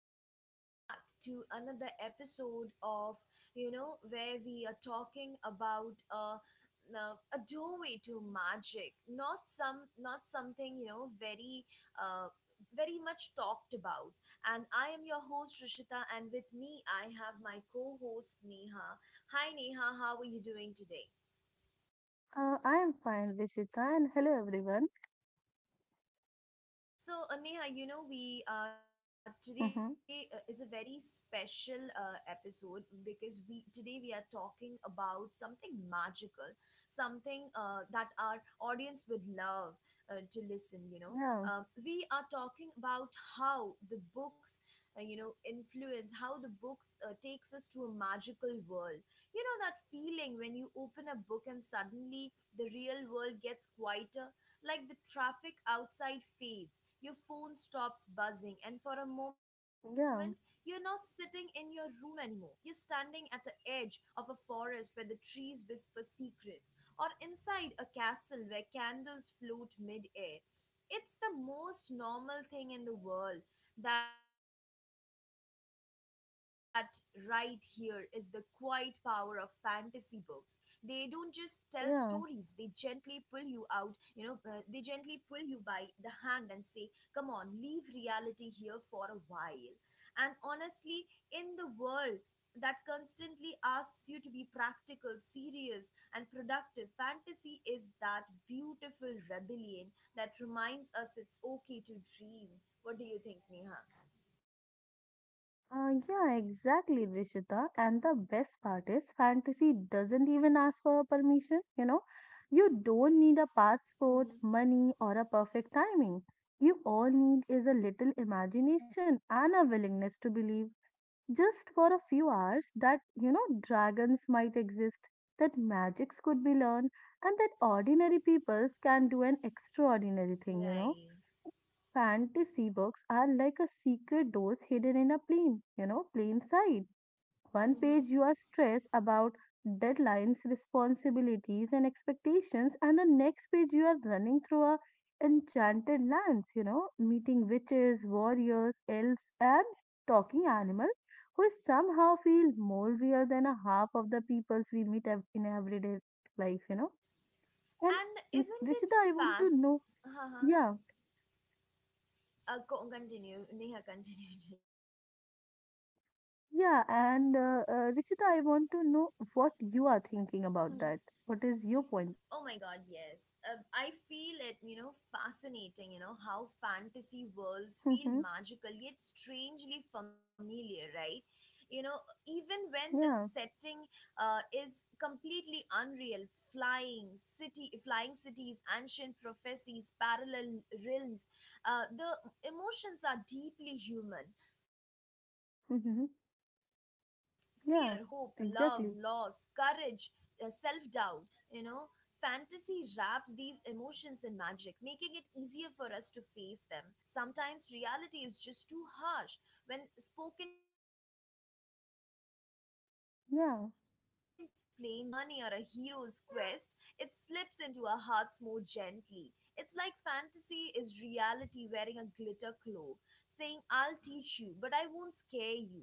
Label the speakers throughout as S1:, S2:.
S1: and welcome back to another episode of, where we are talking about a doorway to magic. Not some, not something, uh, very much talked about. And I am your host, Rishita, and with me, I have my co host, Neha. Hi, Neha, how are you doing today? So, Neha, we today is a very special episode, because we today we are talking about something magical, something that our audience would love to listen. We are talking about how the books, influence how the books takes us to a magical world. You know that feeling when you open a book and suddenly the real world gets quieter, like the traffic outside fades, your phone stops buzzing, and for a moment, you're not sitting in your room anymore. You're standing at the edge of a forest where the trees whisper secrets, or inside a castle where candles float midair. It's the most normal thing in the world that right here is the quiet power of fantasy books. They don't just tell stories, they gently pull you out, they gently pull you by the hand and say, come on, leave reality here for a while. And honestly, in the world that constantly asks you to be practical, serious, and productive, fantasy is that beautiful rebellion that reminds us it's okay to dream. What do you think, Neha? Mm-hmm. Right. Mm-hmm. And isn't it fast? Uh-huh. Continue. Neha, continue just. Oh my God, yes. I feel it, fascinating, how fantasy worlds feel magical yet strangely familiar, right? You know, Even when the setting is completely unreal, flying cities, ancient prophecies, parallel realms, the emotions are deeply human: fear, hope, love, loss, courage, self doubt. you know, Fantasy wraps these emotions in magic, making it easier for us to face them. Sometimes reality is just too harsh when spoken plainly, but when this same truth comes through a wizard's journey or a hero's quest, it slips into our hearts more gently. It's like fantasy is reality wearing a glitter cloak, saying, I'll teach you, but I won't scare you.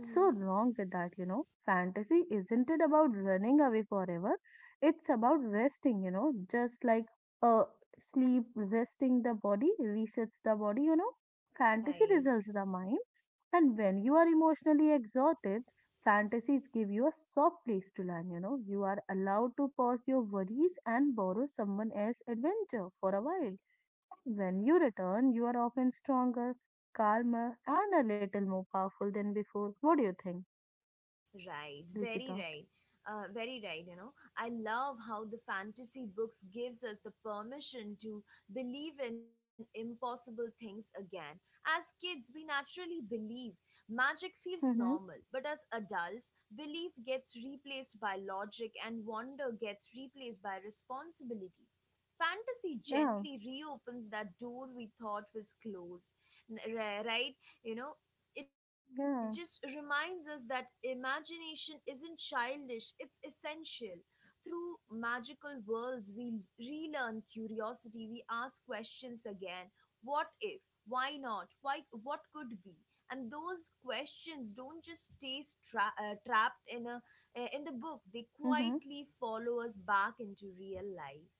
S1: Mhm. Right. Right, very right. Very right. I love how the fantasy books gives us the permission to believe in impossible things again. As kids, we naturally believe magic feels normal, but as adults, belief gets replaced by logic and wonder gets replaced by responsibility. Fantasy gently reopens that door we thought was closed, right? You know, it just reminds us that imagination isn't childish, it's essential. Through magical worlds, we relearn curiosity, we ask questions again. What if? Why not? Why? What could be? And those questions don't just stay trapped in the book. They quietly follow us back into real life.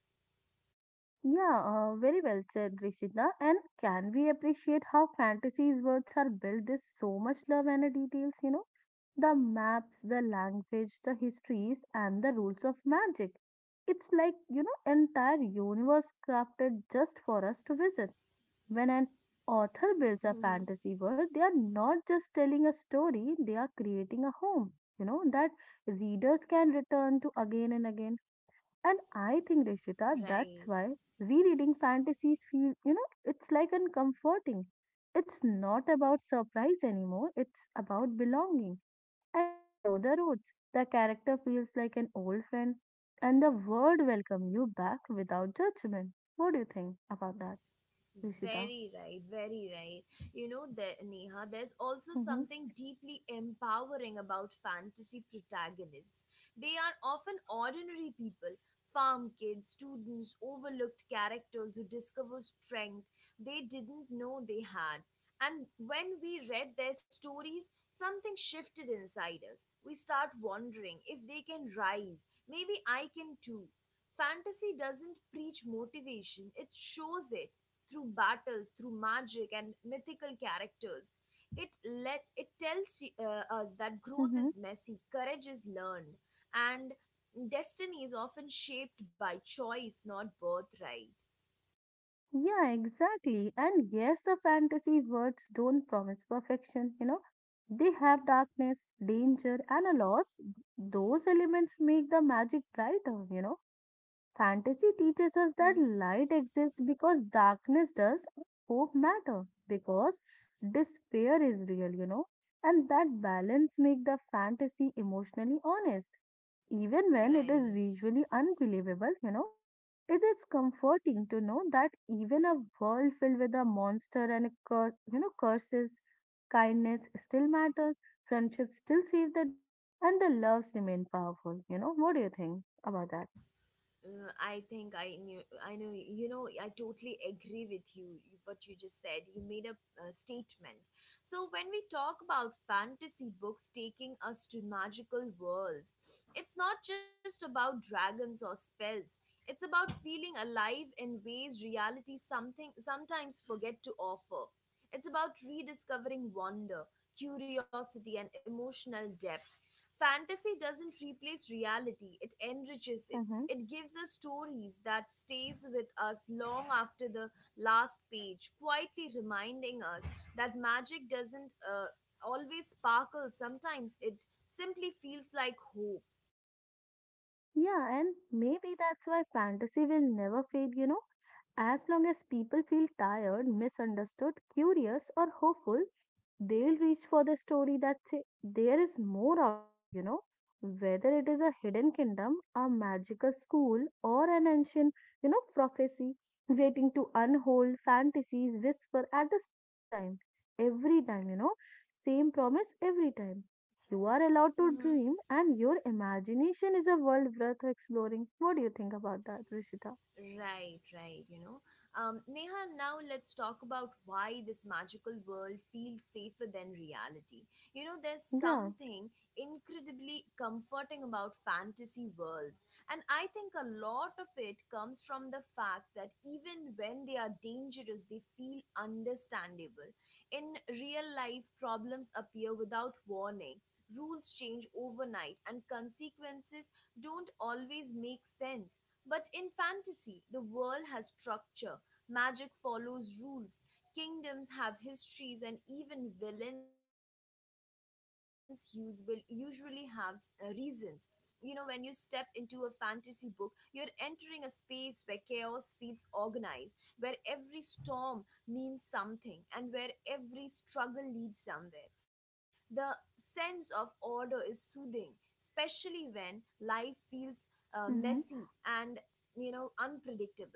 S1: Hmm. Right. Very right, very right. Neha, there's also something deeply empowering about fantasy protagonists. They are often ordinary people, farm kids, students, overlooked characters who discover strength they didn't know they had. And when we read their stories, something shifted inside us. We start wondering if they can rise. Maybe I can too. Fantasy doesn't preach motivation, it shows it through battles, through magic and mythical characters. It tells us that growth is messy, courage is learned, and destiny is often shaped by choice, not birthright. Mm-hmm. Right. I think I know, I totally agree with you, what you just said. You made a statement. So, when we talk about fantasy books taking us to magical worlds, it's not just about dragons or spells. It's about feeling alive in ways reality something sometimes forget to offer. It's about rediscovering wonder, curiosity, and emotional depth. Fantasy doesn't replace reality, it enriches it. It gives us stories that stays with us long after the last page, quietly reminding us that magic doesn't always sparkle. Sometimes it simply feels like hope. Right, right. Neha, now let's talk about why this magical world feels safer than reality. There's something incredibly comforting about fantasy worlds, and I think a lot of it comes from the fact that even when they are dangerous, they feel understandable. In real life, problems appear without warning. Rules change overnight, and consequences don't always make sense. But in fantasy, the world has structure, magic follows rules, kingdoms have histories, and even villains use will usually have reasons. When you step into a fantasy book, you're entering a space where chaos feels organized, where every storm means something, and where every struggle leads somewhere. The sense of order is soothing, especially when life feels messy and unpredictable.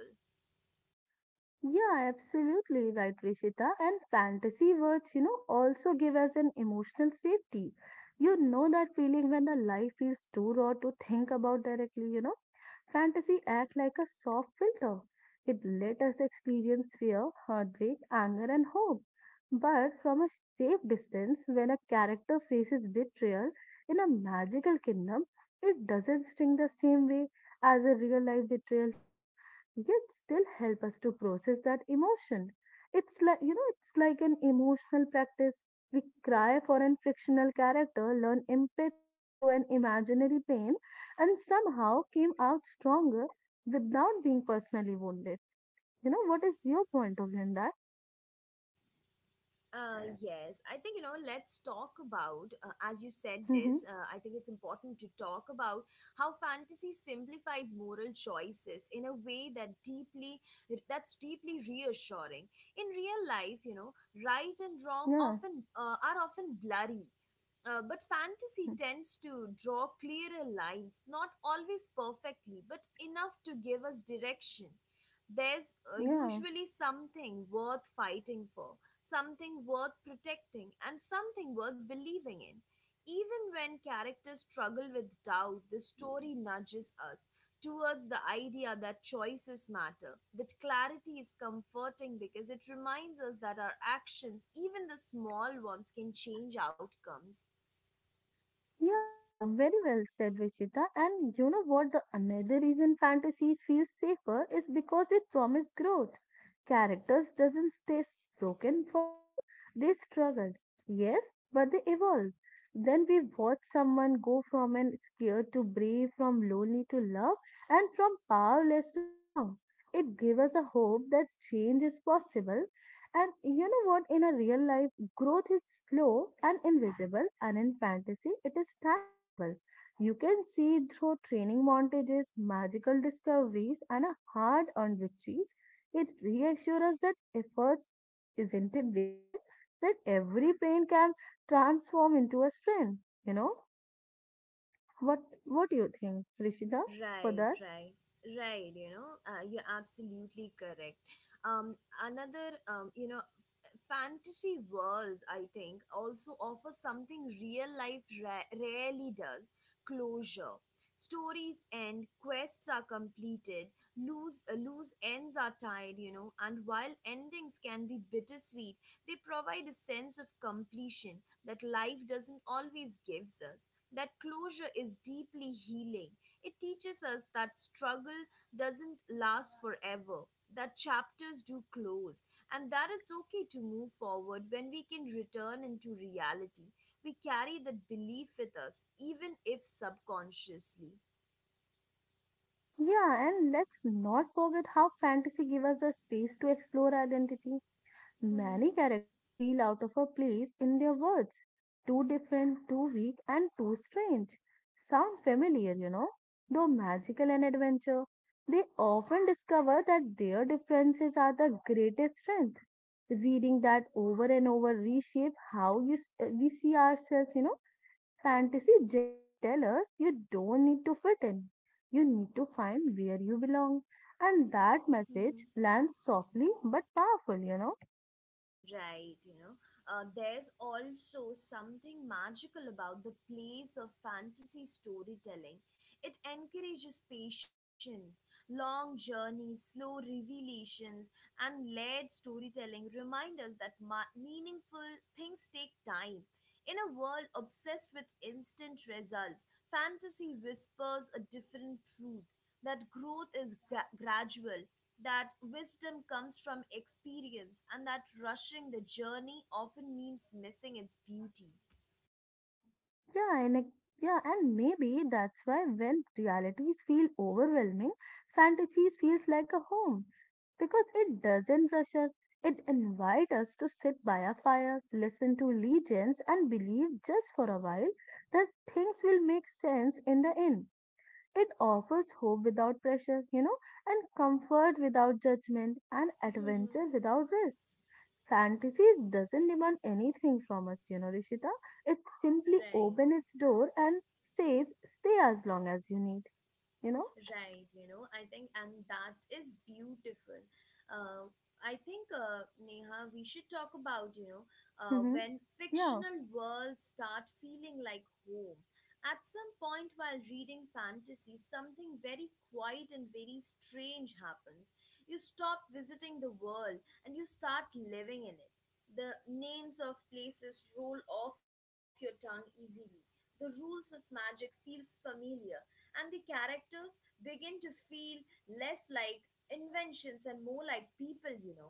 S1: Yes, I think, let's talk about, as you said this, I think it's important to talk about how fantasy simplifies moral choices in a way that deeply that's deeply reassuring in real life. Right and wrong often are often blurry, but fantasy tends to draw clearer lines, not always perfectly, but enough to give us direction. There's usually something worth fighting for, something worth protecting, and something worth believing in. Even when characters struggle with doubt, the story nudges us towards the idea that choices matter, that clarity is comforting because it reminds us that our actions, even the small ones, can change outcomes. Right, right, right. You're absolutely correct. Um, Another, fantasy worlds, I think, also offer something real life rarely does: closure. Stories end, quests are completed, loose ends are tied, and while endings can be bittersweet, they provide a sense of completion that life doesn't always gives us. That closure is deeply healing. It teaches us that struggle doesn't last forever, that chapters do close, and that it's okay to move forward when we can return into reality. We carry that belief with us, even if subconsciously. Mm-hmm. Mm-hmm. Right, there's also something magical about the place of fantasy storytelling. It encourages patience, long journeys, slow revelations, and layered storytelling remind us that meaningful things take time. In a world obsessed with instant results, fantasy whispers a different truth: that growth is gradual, that wisdom comes from experience, and that rushing the journey often means missing its beauty. Right. Right, I think, and that is beautiful. Uh, I think, Neha, we should talk about, when fictional worlds start feeling like home. At some point while reading fantasy, something very quiet and very strange happens. You stop visiting the world and you start living in it. The names of places roll off your tongue easily. The rules of magic feels familiar, and the characters begin to feel less like inventions and more like people.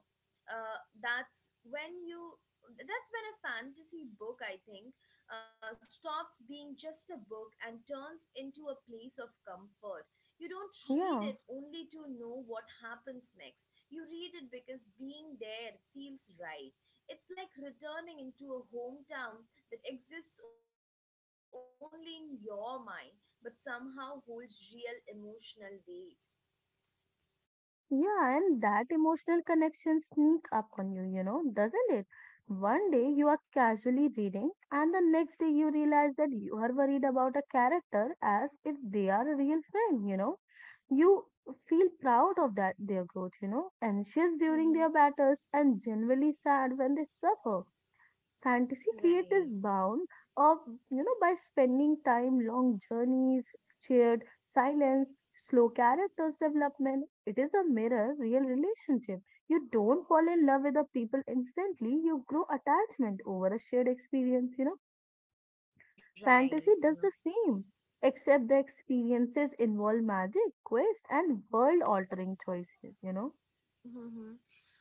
S1: Uh, that's when you that's when a fantasy book, I think, stops being just a book and turns into a place of comfort. You don't read it only to know what happens next. You read it because being there feels right. It's like returning into a hometown that exists only in your mind but somehow holds real emotional weight. Mm-hmm. Right, right. Mm-hmm.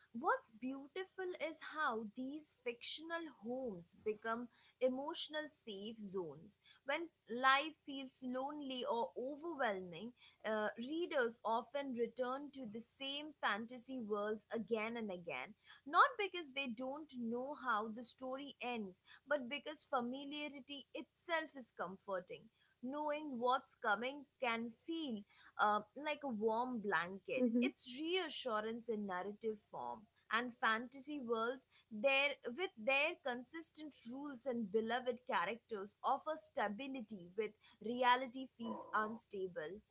S1: What's beautiful is how these fictional homes become emotional safe zones. When life feels lonely or overwhelming, readers often return to the same fantasy worlds again and again. Not because they don't know how the story ends, but because familiarity itself is comforting. Knowing what's coming can feel like a warm blanket. It's reassurance in narrative form. And fantasy worlds, with their consistent rules and beloved characters, offer stability with reality feels unstable.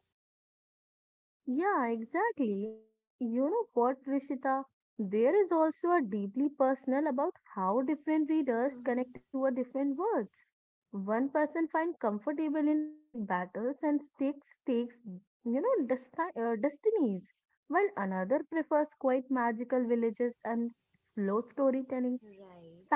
S1: Right.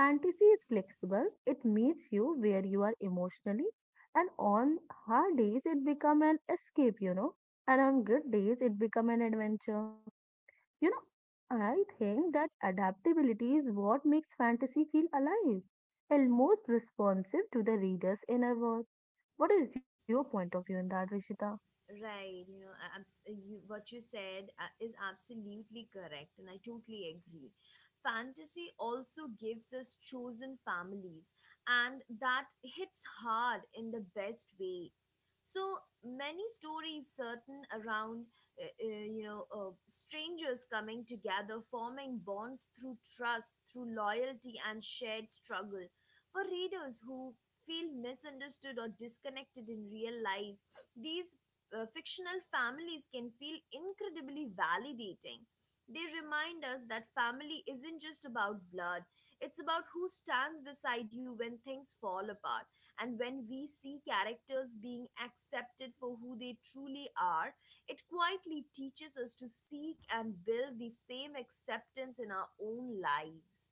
S1: Right, what you said is absolutely correct, and I totally agree. Fantasy also gives us chosen families, and that hits hard in the best way. So many stories certain around, strangers coming together, forming bonds through trust, through loyalty, and shared struggle. For readers who feel misunderstood or disconnected in real life, these fictional families can feel incredibly validating. They remind us that family isn't just about blood, it's about who stands beside you when things fall apart. And when we see characters being accepted for who they truly are, it quietly teaches us to seek and build the same acceptance in our own lives.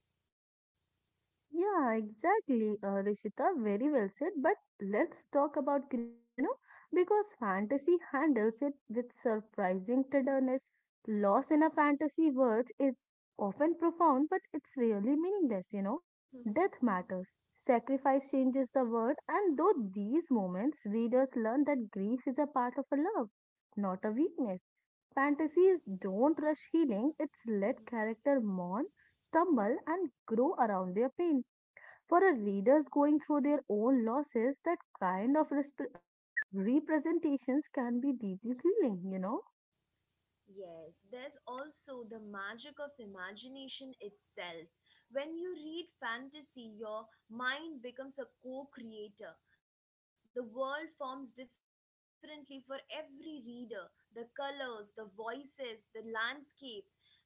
S1: Yes, there's also the magic of imagination itself. When you read fantasy, your mind becomes a co creator. The world forms differently for every reader. The colors, the voices, the landscapes,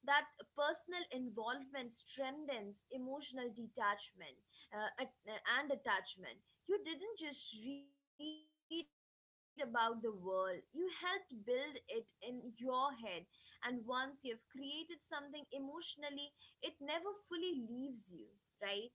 S1: that personal involvement strengthens emotional detachment, and attachment. You didn't just read about the world, you helped build it in your head, and once you've created something emotionally, it never fully leaves you, right?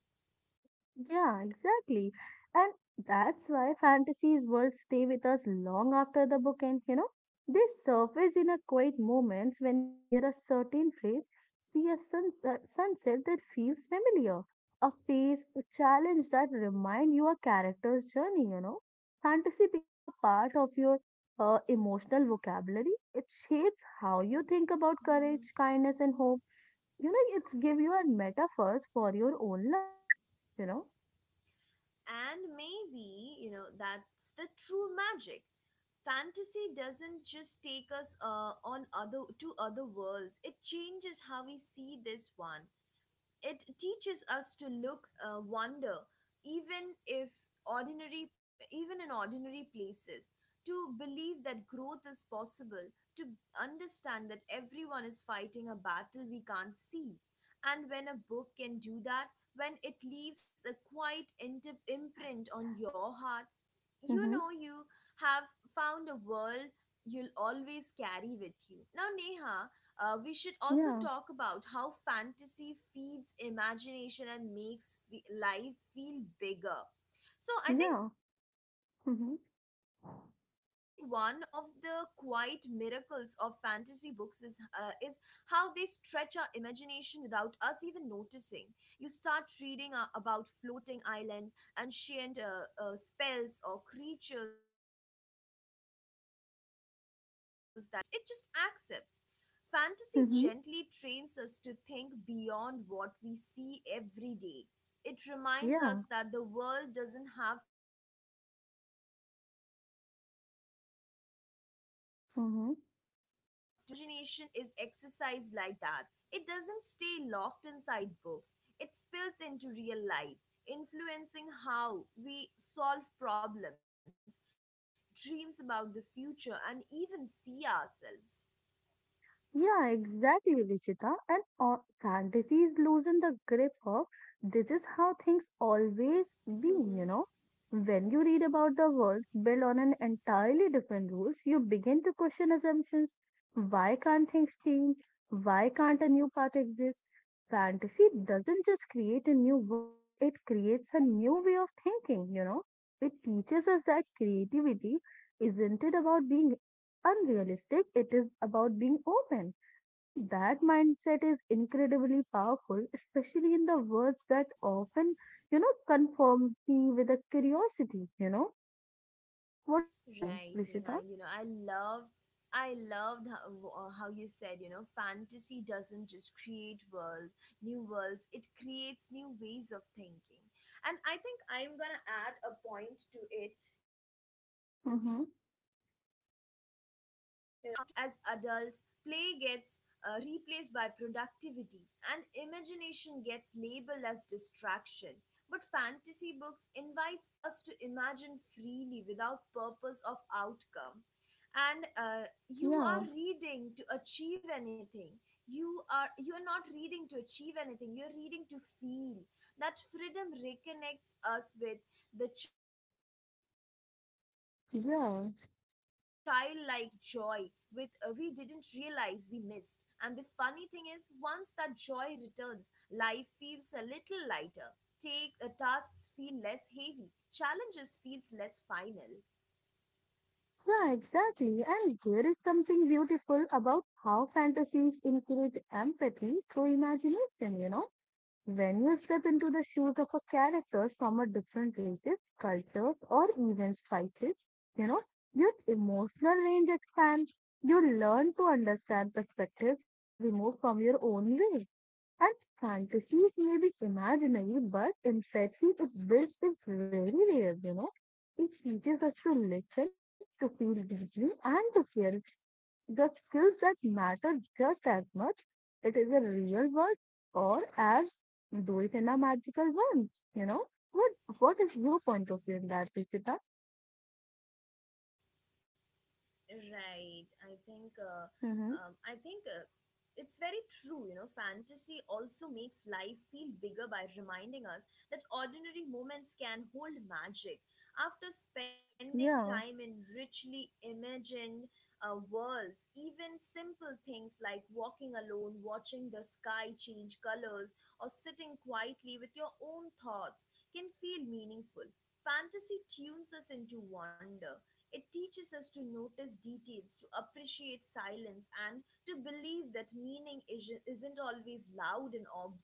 S1: Hmm. And maybe, you know, that's the true magic. Fantasy doesn't just take us on other to other worlds. It changes how we see this one. It teaches us to look wonder, even if ordinary, even in ordinary places, to believe that growth is possible, to understand that everyone is fighting a battle we can't see. And when a book can do that, when it leaves a quiet imprint on your heart, you know you have found a world you'll always carry with you. Now, Neha, we should also talk about how fantasy feeds imagination and makes life feel bigger. So I think one of the quite miracles of fantasy books is how they stretch our imagination without us even noticing. You start reading about floating islands, ancient spells or creatures that shouldn't logically exist, and your mind doesn't resist; it just accepts. Fantasy gently trains us to think beyond what we see every day. It reminds us that the world doesn't have to uh, uh, be limited to what already exists, what imagination is exercised like that. It doesn't stay locked inside books, it spills into real life, influencing how we solve problems, dreams about the future, and even see ourselves. Right, Neha. I loved how you said, you know, fantasy doesn't just create worlds, new worlds, it creates new ways of thinking. And I think I'm gonna add a point to it. You know, fantasy always reminds us how to play again. As adults, play gets replaced by productivity, and imagination gets labeled as distraction. But fantasy books invites us to imagine freely without purpose of outcome. And you are reading to achieve anything. You are not reading to achieve anything. You're reading to feel. That freedom reconnects us with the childlike joy with we didn't realize we missed. And the funny thing is, once that joy returns, life feels a little lighter. Take tasks feel less heavy. Challenges feels less final. Right. I think it's very true. You know, fantasy also makes life feel bigger by reminding us that ordinary moments can hold magic. After spending time in richly imagined worlds, even simple things like walking alone, watching the sky change colors, or sitting quietly with your own thoughts can feel meaningful. Fantasy tunes us into wonder, it teaches us to notice details, to appreciate silence, and to believe that isn't always loud and obvious.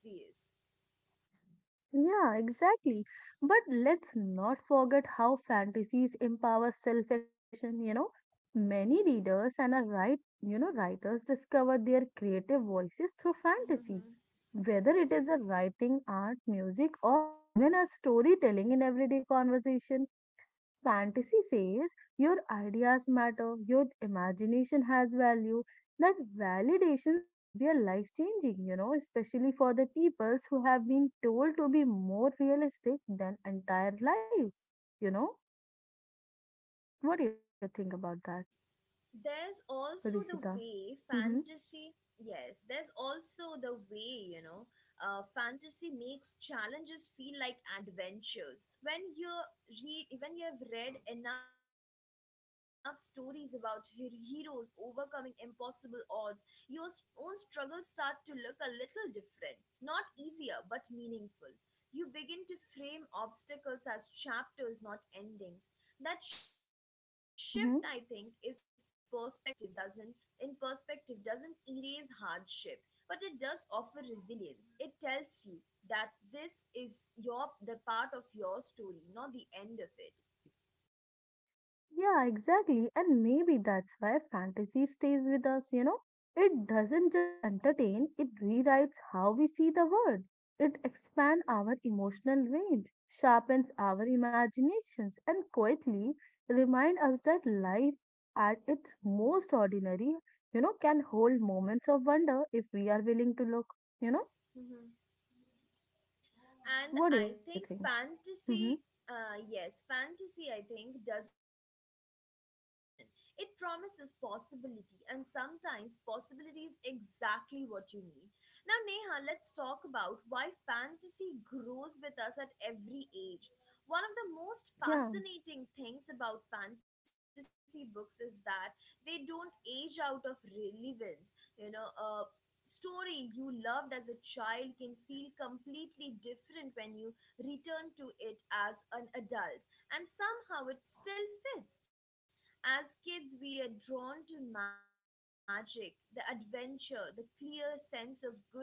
S1: There's also the way fantasy Yes, there's also the way, you know, fantasy makes challenges feel like adventures. when you when you have read enough stories about heroes overcoming impossible odds, your own struggles start to look a little different, not easier but meaningful. You begin to frame obstacles as chapters, not endings. That shift I think is perspective doesn't in perspective doesn't erase hardship, but it does offer resilience. It tells you that this is your the part of your story, not the end of it. And I think fantasy, yes, fantasy, I think, doesn't promise perfection, it promises possibility, and sometimes possibility is exactly what you need. Now, Neha, let's talk about why fantasy grows with us at every age. One of the most fascinating things about fantasy books is that they don't age out of relevance. You know, story you loved as a child can feel completely different when you return to it as an adult, and somehow it still fits. As kids, we are drawn to magic, the adventure, the clear sense of good and evil.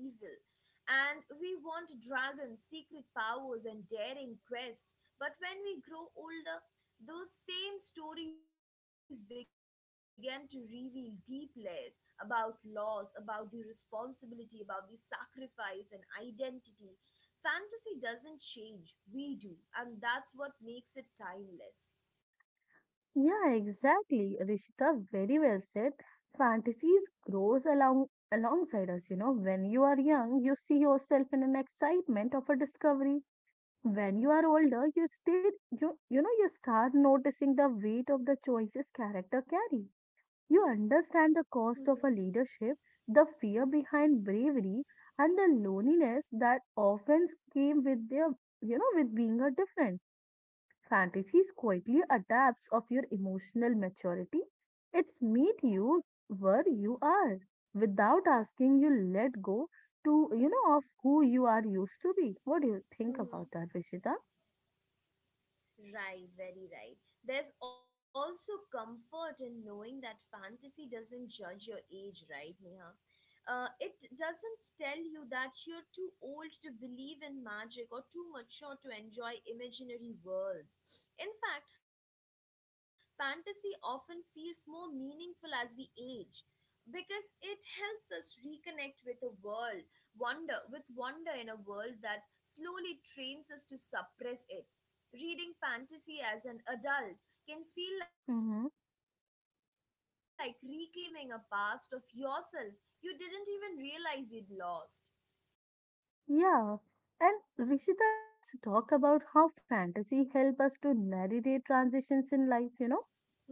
S1: And we want dragons, secret powers, and daring quests. But when we grow older, those same stories begin to reveal deep layers about loss, about the responsibility, about the sacrifice and identity. Fantasy doesn't change, we do, and that's what makes it timeless. Mm-hmm. Right, very right. There's also comfort in knowing that fantasy doesn't judge your age, right, Neha? It doesn't tell you that you're too old to believe in magic or too mature to enjoy imaginary worlds. In fact, fantasy often feels more meaningful as we age because it helps us reconnect with a world wonder with wonder in a world that slowly trains us to suppress it. Reading fantasy as an adult can feel like reclaiming a past of yourself you didn't even realize you'd lost.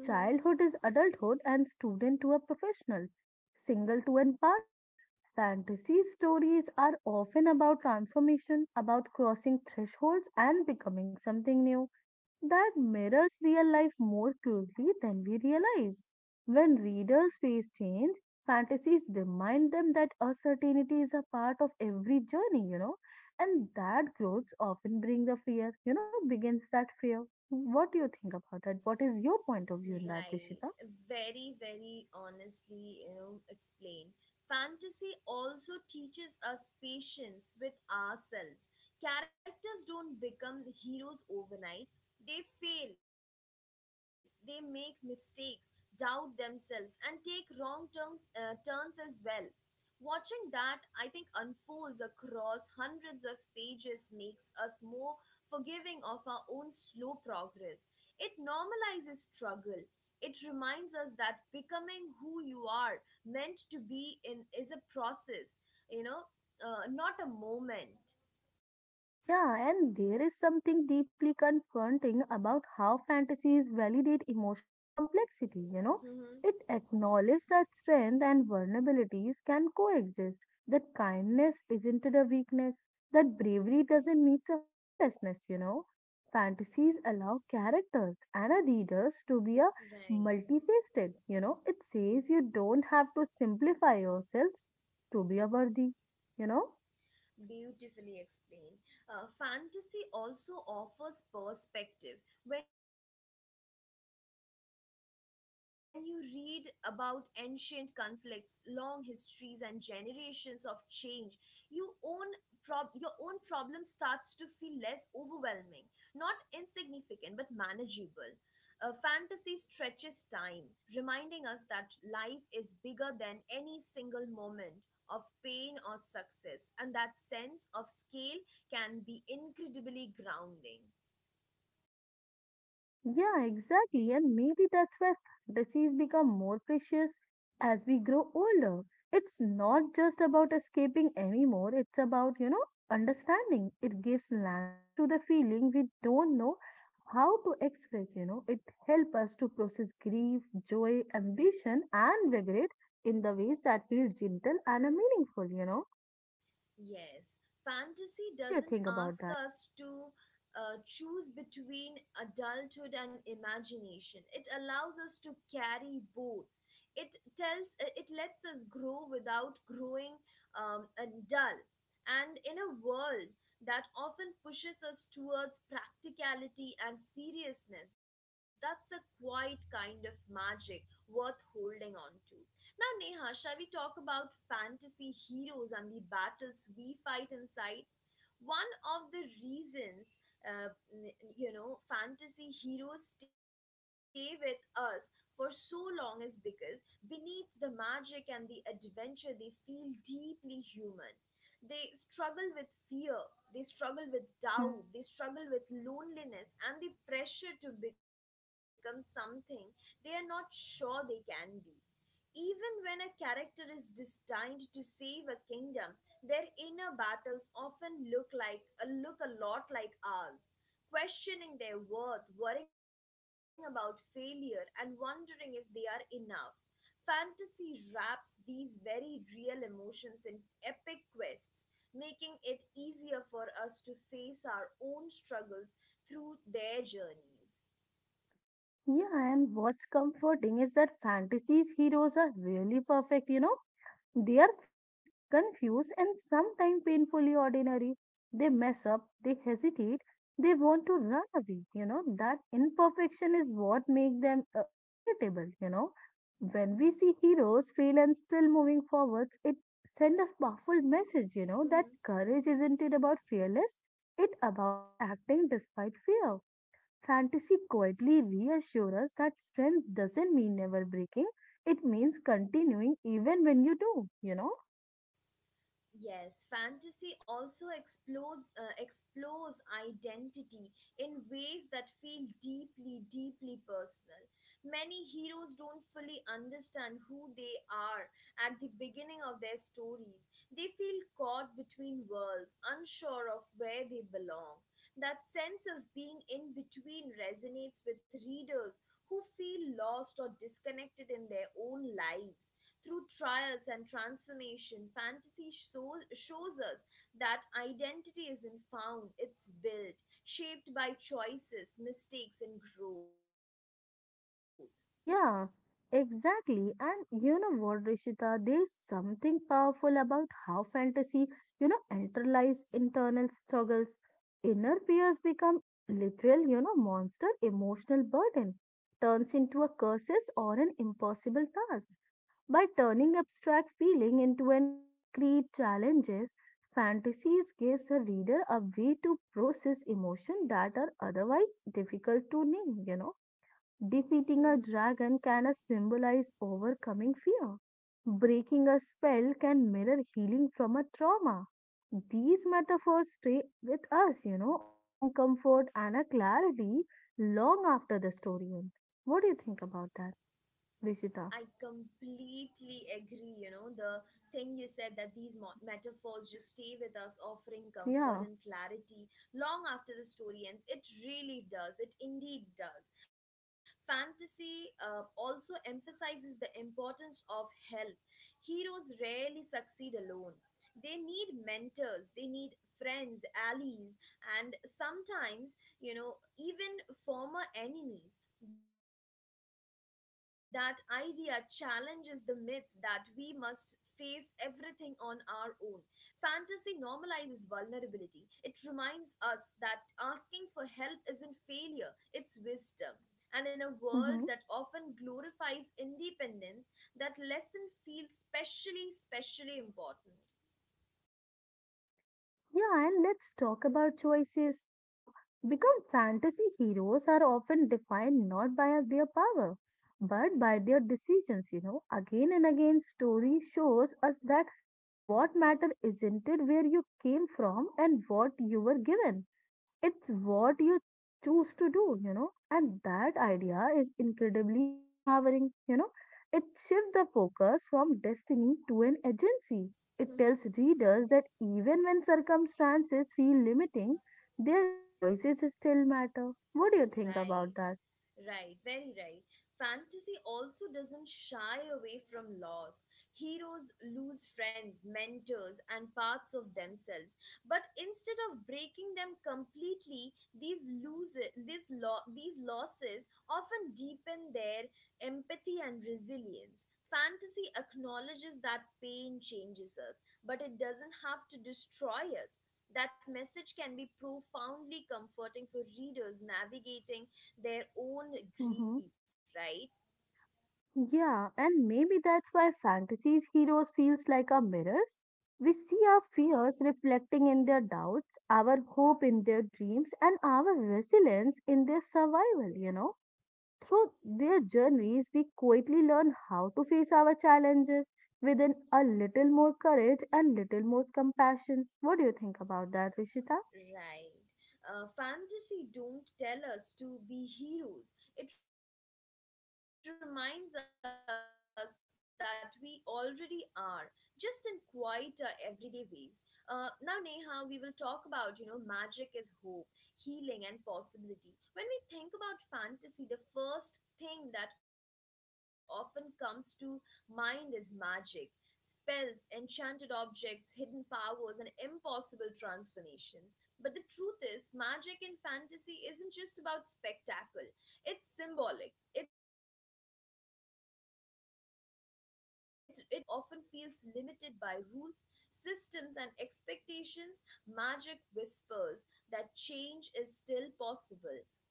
S1: Right. Very, very honestly, you know, explain. Fantasy also teaches us patience with ourselves. Characters don't become heroes overnight. They fail, they make mistakes, doubt themselves, and take wrong turns, turns as well. Watching that, I think, unfolds across hundreds of pages makes us more forgiving of our own slow progress. It normalizes struggle, it reminds us that becoming who you are meant to be in is a process, you know, not a moment. Mm-hmm. Right. Beautifully explained. Fantasy also offers perspective. When you read about ancient conflicts, long histories, and generations of change, you own your own problem starts to feel less overwhelming, not insignificant, but manageable. Fantasy stretches time, reminding us that life is bigger than any single moment of pain or success. And that sense of scale can be incredibly grounding. Yes, fantasy doesn't ask us to choose between adulthood and imagination. It allows us to carry both. It lets us grow without growing and dull. And in a world that often pushes us towards practicality and seriousness, that's a quiet kind of magic worth holding on to. Now, Neha, shall we talk about fantasy heroes and the battles we fight inside? One of the reasons, n- You know, fantasy heroes stay with us for so long is because beneath the magic and the adventure, they feel deeply human. They struggle with fear, they struggle with doubt, they struggle with loneliness and the pressure to become something they are not sure they can be. Even when a character is destined to save a kingdom, their inner battles often look a lot like ours, questioning their worth, worrying about failure, and wondering if they are enough. Fantasy wraps these very real emotions in epic quests, making it easier for us to face our own struggles through their journeys. Yes, fantasy also explodes explores identity in ways that feel deeply, deeply personal. Many heroes don't fully understand who they are at the beginning of their stories. They feel caught between worlds, unsure of where they belong. That sense of being in between resonates with readers who feel lost or disconnected in their own lives. Through trials and transformation, fantasy shows us that identity isn't found, it's built, shaped by choices, mistakes, and growth. Mm-hmm. I completely agree. You know, the thing you said that these metaphors just stay with us, offering comfort and clarity long after the story ends. It really does. It indeed does. Fantasy also emphasizes the importance of help. Heroes rarely succeed alone, they need mentors, they need friends, allies, and sometimes, you know, even former enemies. That idea challenges the myth that we must face everything on our own. Fantasy normalizes vulnerability. It reminds us that asking for help isn't failure, it's wisdom. And in a world that often glorifies independence, that lesson feels specially, specially important. Mhm. Right. Right, very right. Fantasy also doesn't shy away from loss. Heroes lose friends, mentors, and parts of themselves. But instead of breaking them completely, these loses, these losses often deepen their empathy and resilience. Fantasy acknowledges that pain changes us, but it doesn't have to destroy us. That message can be profoundly comforting for readers navigating their own grief, right? Right. Fantasy don't tell us to be heroes. It reminds us that we already are, just in quieter everyday ways. Now, Neha, we will talk about, you know, magic is hope, healing, and possibility. When we think about fantasy, the first thing that often comes to mind is magic. Spells, enchanted objects, hidden powers, and impossible transformations. But the truth is, magic in fantasy isn't just about spectacle. It's symbolic. It represents possibility. In a world where real life often feels limited by rules, systems, and expectations, magic whispers that change is still possible.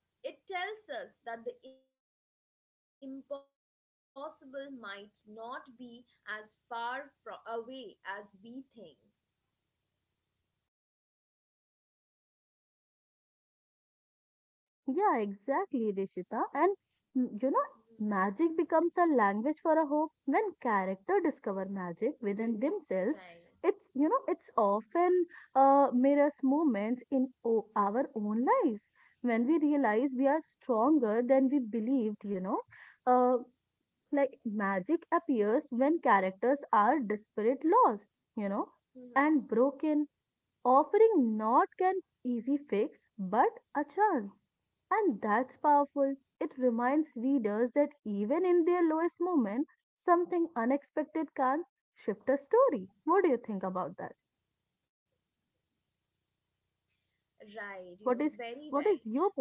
S1: It tells us that the impossible might not be as far from away as we think. Mhm. Right. Right, you know, very right. Uh,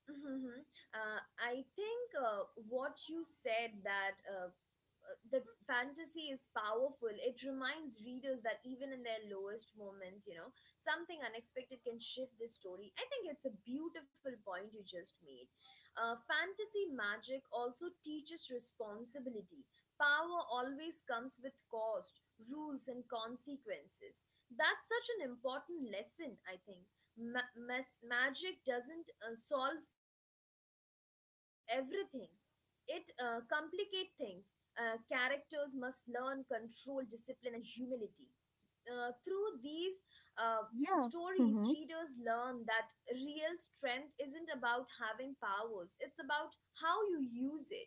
S1: I think what you said that the fantasy is powerful. It reminds readers that even in their lowest moments, you know, something unexpected can shift the story. I think it's a beautiful point you just made. Fantasy magic also teaches responsibility. Power always comes with cost, rules, and consequences. That's such an important lesson, I think. Magic doesn't solves everything, it complicate things, characters must learn control, discipline, and humility. Through these uh, stories, readers learn that real strength isn't about having powers, it's about how you use it.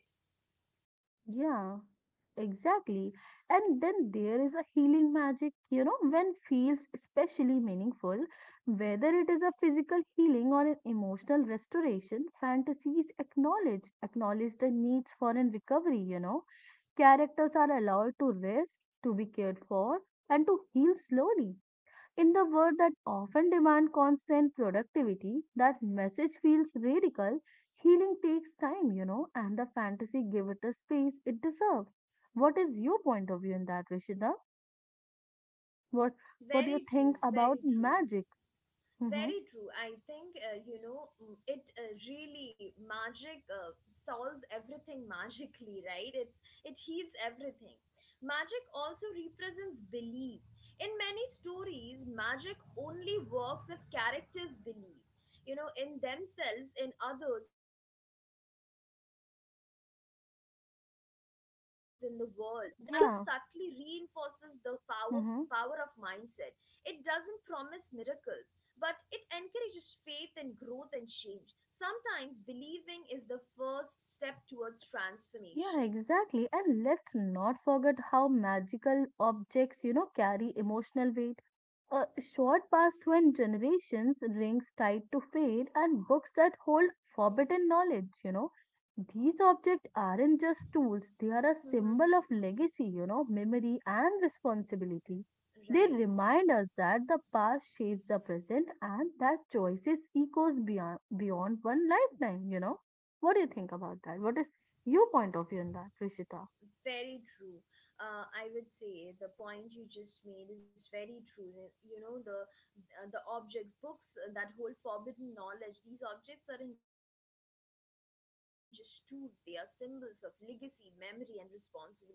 S1: Very true, very true. Very true. I think, it really magic solves everything magically, right? It heals everything. Magic also represents belief. In many stories, magic only works if characters believe, you know, in themselves, in others, in the world. That idea subtly reinforces the power of mindset. It doesn't promise miracles, but it encourages faith and growth and change. Sometimes believing is the first step towards transformation. Mm-hmm. Right. Very true. I would say the point you just made is very true. You know, the objects, books, that whole forbidden knowledge. These objects aren't just tools; they are symbols of legacy, memory, and responsibility. Very well said.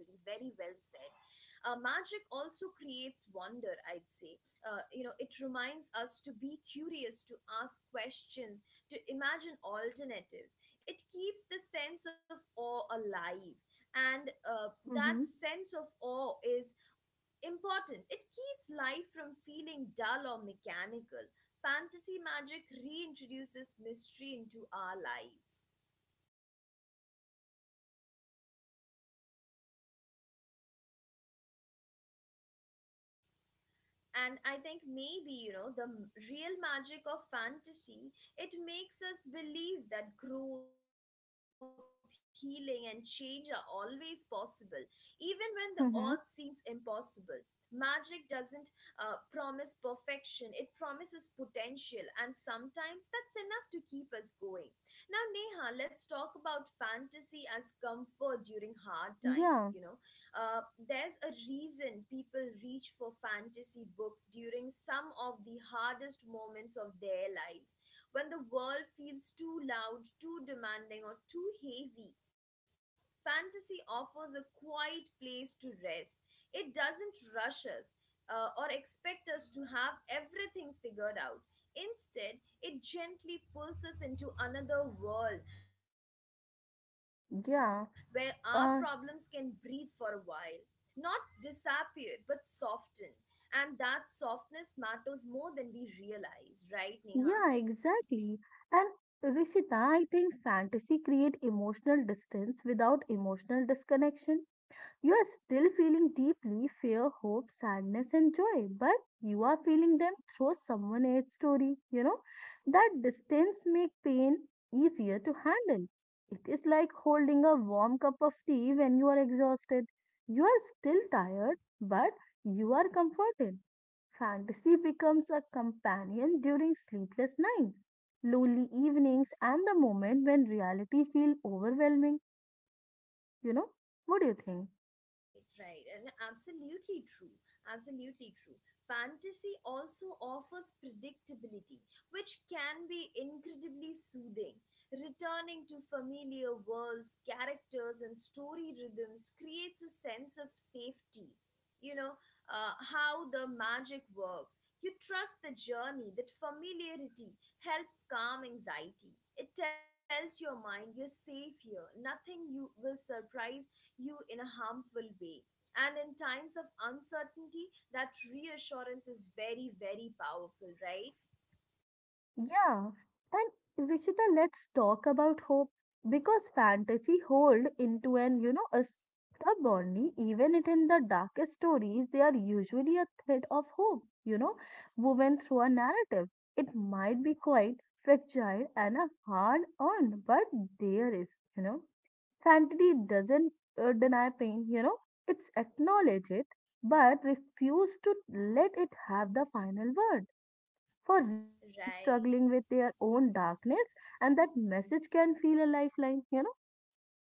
S1: Magic also creates wonder, I'd say. You know, it reminds us to be curious, to ask questions, to imagine alternatives. It keeps the sense of awe alive, and that sense of awe is important. It keeps life from feeling dull or mechanical. Fantasy magic reintroduces mystery into our lives. And I think maybe, you know, the real magic of fantasy, it makes us believe that growth, healing, and change are always possible, even when the odds seems impossible. Magic doesn't promise perfection, it promises potential, and sometimes that's enough to keep us going. Now, Neha, let's talk about fantasy as comfort during hard times. Uh, there's a reason people reach for fantasy books during some of the hardest moments of their lives, when the world feels too loud, too demanding, or too heavy. Fantasy offers a quiet place to rest. It doesn't rush us or expect us to have everything figured out. Instead, it gently pulls us into another world where our problems can breathe for a while, not disappeared but soften, and that softness matters more than we realize, right, Neha? Right, right, and absolutely true. Absolutely true. Fantasy also offers predictability, which can be incredibly soothing. Returning to familiar worlds, characters, and story rhythms creates a sense of safety. You know, how the magic works. You trust the journey. That familiarity helps calm anxiety. It tells your mind you're safe here, nothing you will surprise you in a harmful way. And in times of uncertainty, that reassurance is very, very powerful, right? Right.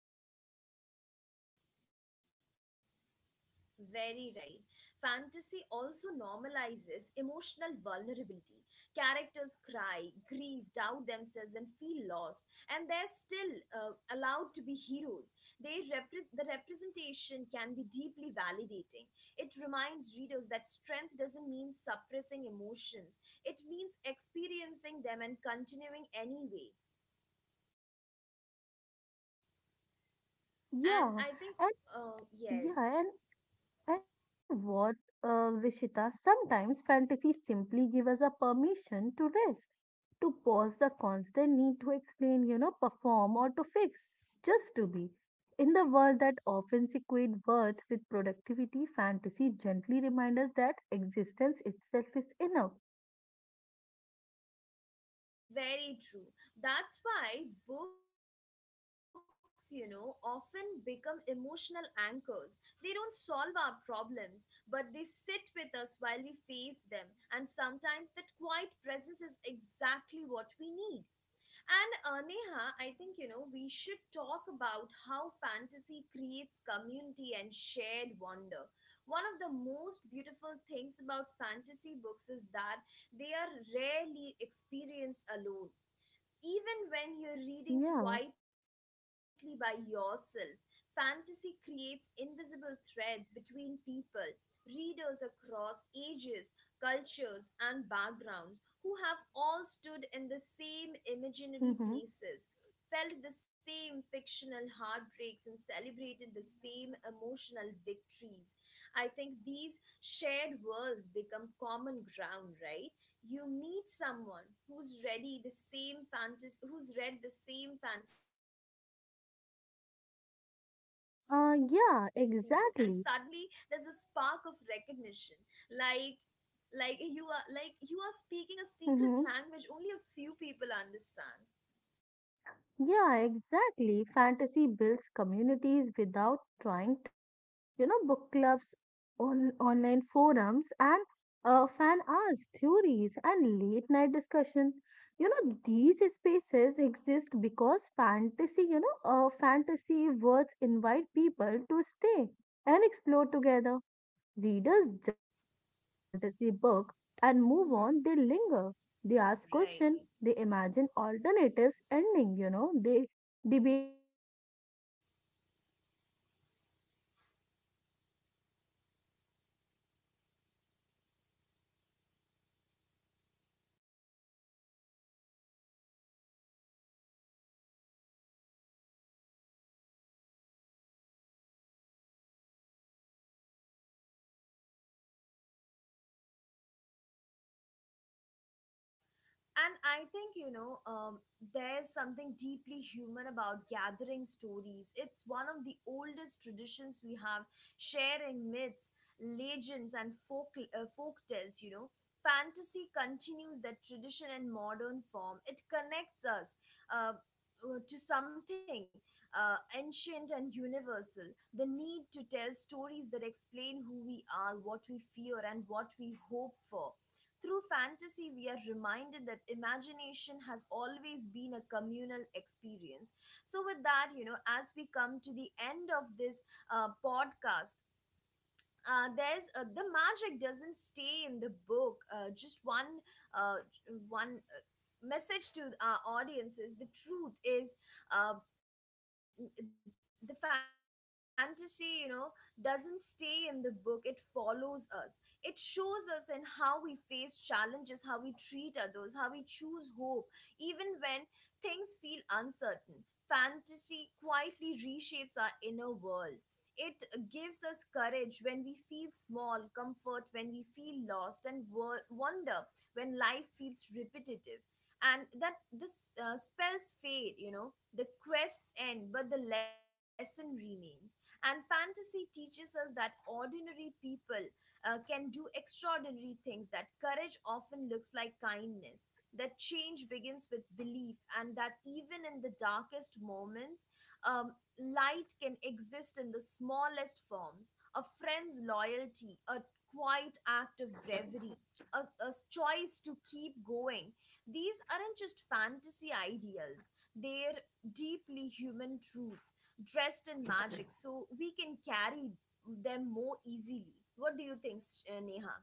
S1: Very right. Fantasy also normalizes emotional vulnerability. Characters cry, grieve, doubt themselves, and feel lost, and they're still uh, allowed to be heroes. The representation can be deeply validating. It reminds readers that strength doesn't mean suppressing emotions, it means experiencing them and continuing anyway. And I think, yes. Very true. That's why books, you know, often become emotional anchors. They don't solve our problems, but they sit with us while we face them. And sometimes that quiet presence is exactly what we need. And Neha, I think, you know, we should talk about how fantasy creates community and shared wonder. One of the most beautiful things about fantasy books is that they are rarely experienced alone. Even when you're reading quietly by yourself, fantasy creates invisible threads between people, readers across ages, cultures, and backgrounds who have all stood in the same imaginary places, felt the same fictional heartbreaks, and celebrated the same emotional victories. I think these shared worlds become common ground, right? You meet someone who's ready the same fantasy, who's read the same fantasy book, and suddenly there's a spark of recognition, like like you are speaking a secret language only a few people understand. Mm-hmm. Right. And I think, you know, there's something deeply human about gathering stories. It's one of the oldest traditions we have, sharing myths, legends, and folk tales, you know. Fantasy continues that tradition in modern form. It connects us uh, to something ancient and universal. The need to tell stories that explain who we are, what we fear, and what we hope for. Through fantasy, we are reminded that imagination has always been a communal experience. So, with that, you know, as we come to the end of this podcast, the magic doesn't stay in the book. Uh, just one uh, one uh, message to our audience is, the truth is, uh, the fantasy, you know, doesn't stay in the book. It follows us. It shows us in how we face challenges, how we treat others, how we choose hope, even when things feel uncertain. Fantasy quietly reshapes our inner world. It gives us courage when we feel small, comfort when we feel lost, and wonder when life feels repetitive. And that this spells fade, you know, the quests end, but the lesson remains. And fantasy teaches us that ordinary people can do extraordinary things, that courage often looks like kindness, that change begins with belief, and that even in the darkest moments, um, light can exist in the smallest forms: a friend's loyalty, a quiet act of bravery, a choice to keep going. These aren't just fantasy ideals, they're deeply human truths dressed in magic, so we can carry them more easily. What do you think, Neha?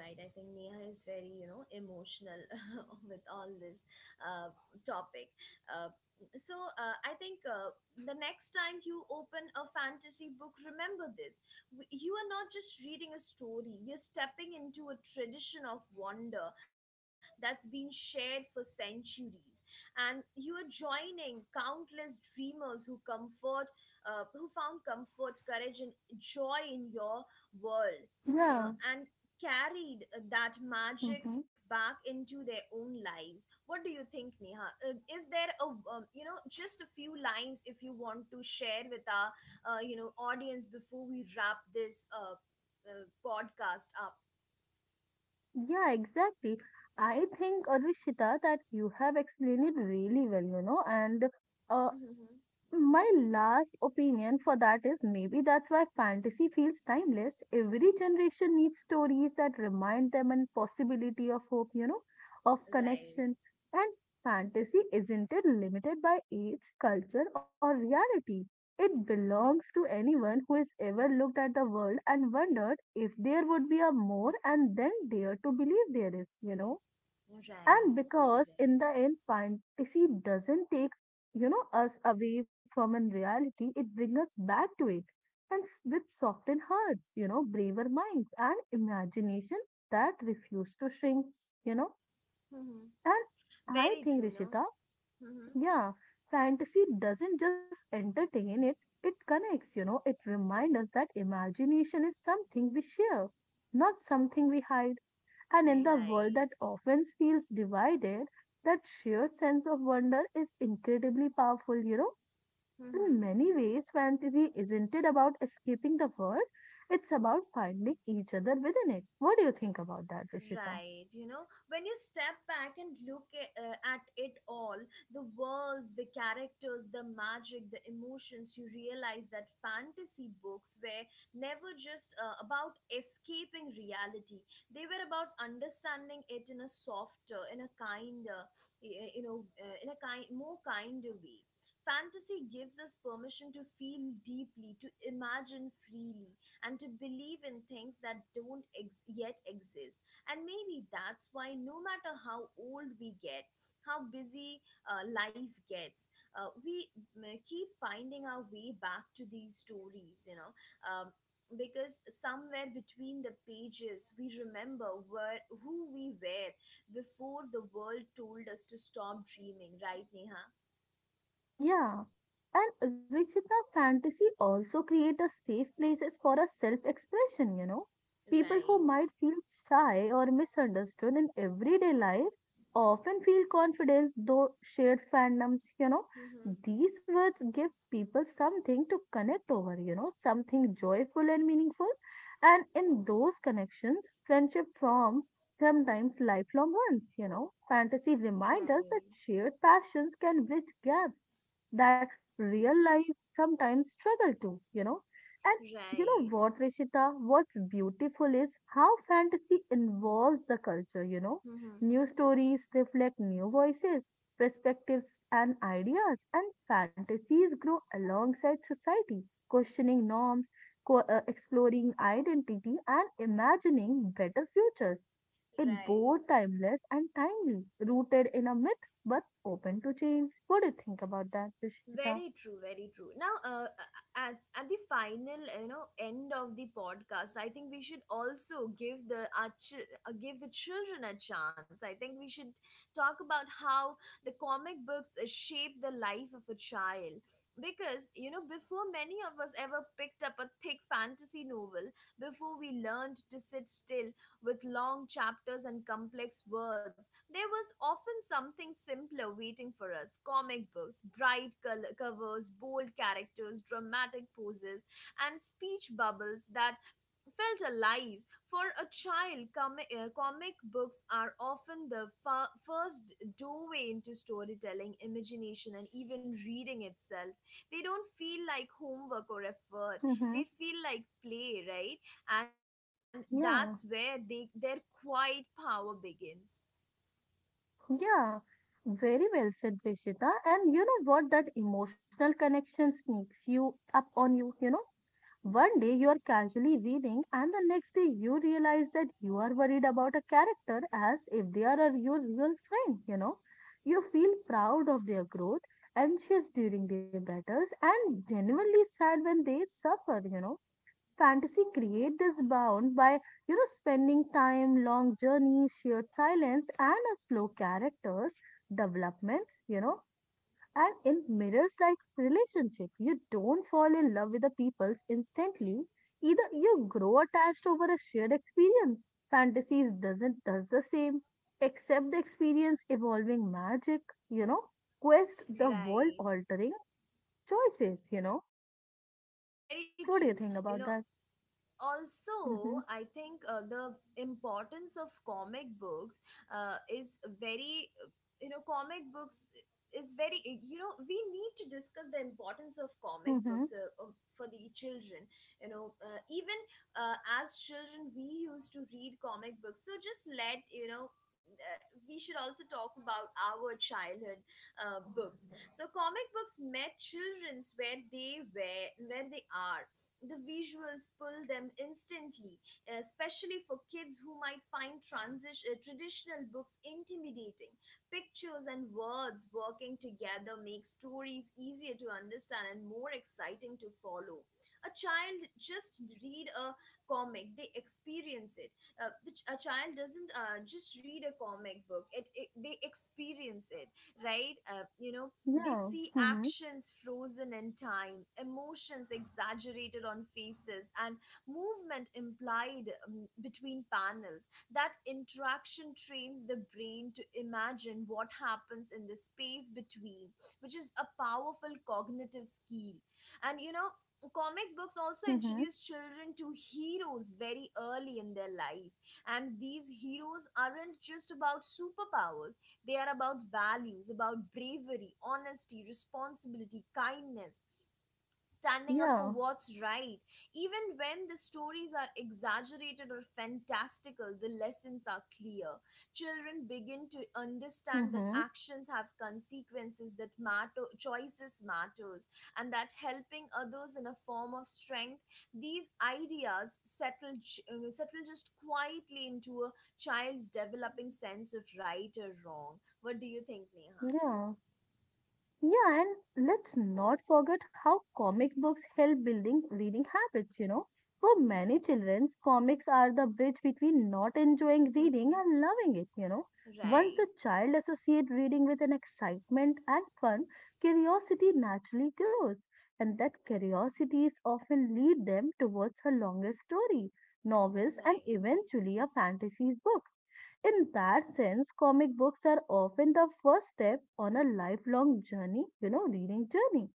S1: Right, I think Neha is very, you know, emotional with all this uh, topic. Uh, so, I think, the next time you open a fantasy book, remember this: you are not just reading a story; you're stepping into a tradition of wonder that's been shared for centuries, and you are joining countless dreamers who who found comfort, courage, and joy in your world,
S2: Yeah,
S1: and carried that magic
S2: mhm.
S1: back into their own lives. What do you think, Neha? Is there a you know, just a few lines if you want to share with our you know, audience before we wrap this podcast up?
S2: yeah, exactly. I think, Advishita, that you have explained it really well, and uh,
S1: Mhm.
S2: my last opinion for that is maybe that's why fantasy feels timeless. Every generation needs stories that remind them and possibility of hope, of
S1: Right.
S2: connection. And fantasy isn't it limited by age, culture, or reality? It belongs to anyone who has ever looked at the world and wondered if there would be a more and then dared to believe there is. And
S1: Right.
S2: because
S1: Very
S2: in
S1: right.
S2: the end, fantasy doesn't take, us away from in reality, it brings us back to it. And with softened hearts, braver minds and imagination that refuse to shrink, you know.
S1: Mhm.
S2: And
S1: Very
S2: I
S1: true.
S2: think,
S1: No.
S2: Rishita,
S1: Hmm.
S2: yeah, fantasy doesn't just entertain it, it connects, it reminds us that imagination is something we share, not something we hide. And in the world
S1: Right.
S2: that often feels divided, that shared sense of wonder is incredibly powerful. In
S1: Mhm.
S2: many ways, fantasy isn't it about escaping the world, it's about finding each other within it. What do you think about that, Rishita?
S1: Right, you know, when you step back and look at it all, the worlds, the characters, the magic, the emotions, you realize that fantasy books were never just about escaping reality, they were about understanding it in a softer, in a kinder, you know, in a kinder way. Fantasy gives us permission to feel deeply, to imagine freely, and to believe in things that don't yet exist. And maybe that's why, no matter how old we get, how busy life gets, we keep finding our way back to these stories, you know. Um, because somewhere between the pages, we remember who we were before the world told us to stop dreaming, right, Neha?
S2: Yeah, and Rishita fantasy also create a safe places for a self-expression, People who
S1: Right.
S2: might feel shy or misunderstood in everyday life often feel confidence though shared fandoms.
S1: Mm-hmm.
S2: These words give people something to connect over, something joyful and meaningful. And in those connections, friendship form sometimes lifelong ones. Fantasy remind us that
S1: Right.
S2: shared passions can bridge gaps that real life sometimes struggle to. And you know
S1: Right.
S2: what, Rishita, what's beautiful is how fantasy involves the culture.
S1: Mm-hmm.
S2: New stories reflect new voices, perspectives, and ideas, and fantasies grow alongside society, questioning norms, exploring identity, and imagining better futures. It
S1: Right.
S2: both timeless and timely, rooted in a myth but open to change. What do you think about that, Prishita?
S1: Very true, very true. Now, as at the final, you know, end of the podcast, I think we should also give the children a chance. I think we should talk about how the comic books shape the life of a child, because, you know, before many of us ever picked up a thick fantasy novel, before we learned to sit still with long chapters and complex words, there was often something simpler waiting for us: comic books, bright covers, bold characters, dramatic poses, and speech bubbles that felt alive. For a child, comic books are often the first doorway into storytelling, imagination, and even reading itself. They don't feel like homework or effort,
S2: Mm-hmm.
S1: they feel like play, right? And that's where
S2: Yeah,
S1: their quiet power begins.
S2: yeah. Very well said, Prishita. And you know what? That emotional connection sneaks you up on you, you know. One day you are casually reading, and the next day you realize that you are worried about a character as if they are your real friend, you know. You feel proud of their growth, anxious during their battles, and genuinely sad when they suffer, fantasy create this bound by spending time long journeys shared silence and a slow characters developments and in mirrors like relationship you don't fall in love with the peoples instantly either you grow attached over a shared experience fantasies doesn't does the same except the experience evolving magic quest the world
S1: Right.
S2: altering choices
S1: Very
S2: what do
S1: true.
S2: you think
S1: You know,
S2: about that.
S1: also,
S2: Hmm.
S1: I think, the importance of comic books is very, you know, comic books is very, you know, we need to discuss the importance of comic
S2: Hmm.
S1: books for the children. You know, even as children, we used to read comic books. So just let, you know, we should also talk about our childhood books. So comic books met children's where they are, the visuals pull them instantly, especially for kids who might find traditional books intimidating. Pictures and words working together make stories easier to understand and more exciting to follow. A child just read a comic, they experience it. The ch- a child doesn't just read a comic book, it they experience it, right? You know, they
S2: Yeah.
S1: see
S2: Mm-hmm.
S1: actions frozen in time, emotions exaggerated on faces, and movement implied between panels. That interaction trains the brain to imagine what happens in the space between, which is a powerful cognitive skill. And you know, comic books also
S2: Mm-hmm.
S1: introduce children to heroes very early in their life, and these heroes aren't just about superpowers, they are about values, about bravery, honesty, responsibility, kindness, standing up for
S2: Yeah.
S1: what's right. Even when the stories are exaggerated or fantastical, the lessons are clear. Children begin to understand that
S2: Mm-hmm.
S1: actions have consequences, that matter choices matters, and that helping others in a form of strength. These ideas settle settle just quietly into a child's developing sense of right or wrong. What do you think, Neha?
S2: Yeah. Yeah. And let's not forget how comic books help building reading habits, For many children, comics are the bridge between not enjoying reading and loving it, Once a
S1: Right,
S2: child associates reading with an excitement and fun, curiosity naturally grows. And that curiosity is often lead them towards a longer story, novels, and
S1: right.
S2: eventually a fantasy book. In that sense, comic books are often the first step on a lifelong journey, reading journey.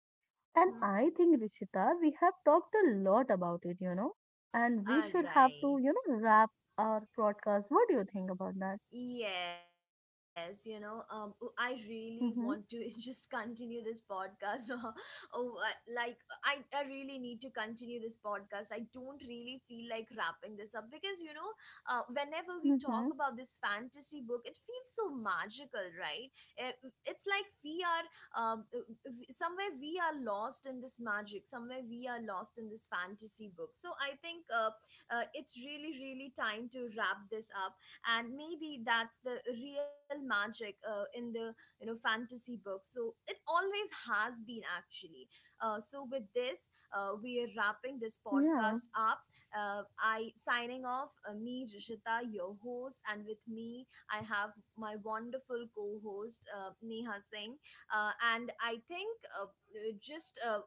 S2: And
S1: Mm-hmm.
S2: I think, Rishita, we have talked a lot about it, and we
S1: All
S2: should have to,
S1: right.
S2: wrap our podcast. What do you think about that?
S1: Yes, you know, oh, I really want to just
S2: Mm-hmm.
S1: continue this podcast. Oh, like I really need to continue this podcast. I don't really feel like wrapping this up because, you know, whenever we talk about
S2: Mm-hmm.
S1: this fantasy book, it feels so magical, right? Eh, It's like we are um, uh, somewhere we are lost in this magic. Somewhere we are lost in this fantasy book. So I think it's really, really time to wrap this up, and maybe that's the real magic in the, you know, fantasy book. So it always has been, actually. So with this, we are wrapping this
S2: Yeah.
S1: podcast up. I signing off, me, Rishita, your host, and with me I have my wonderful co-host, Neha Singh. Uh, and I think just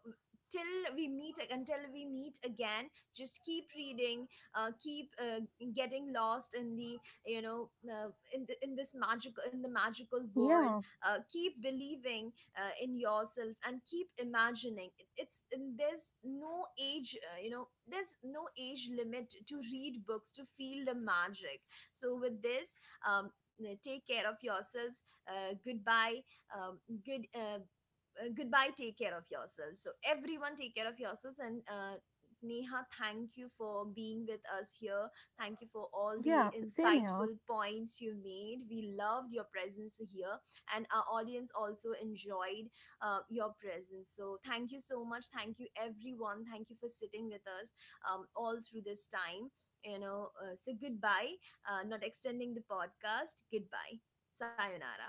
S1: till we meet until we meet again, just keep reading, keep getting lost in the, you know, in the magical world.
S2: Yeah.
S1: Keep believing in yourself and keep imagining. It's, and there's no age, you know, there's no age limit to read books, to feel the magic. So with this, um, take care of yourselves. uh, goodbye um, good uh, Goodbye. Take care of yourselves. So everyone, take care of yourselves. And Neha, thank you for being with us here. Thank you for all the
S2: Yeah. Same here.
S1: insightful points you made. We loved your presence here, and our audience also enjoyed your presence. So, thank you so much. Thank you, everyone. Thank you for sitting with us all through this time. You know, so goodbye. Not extending the podcast. Goodbye. Sayonara.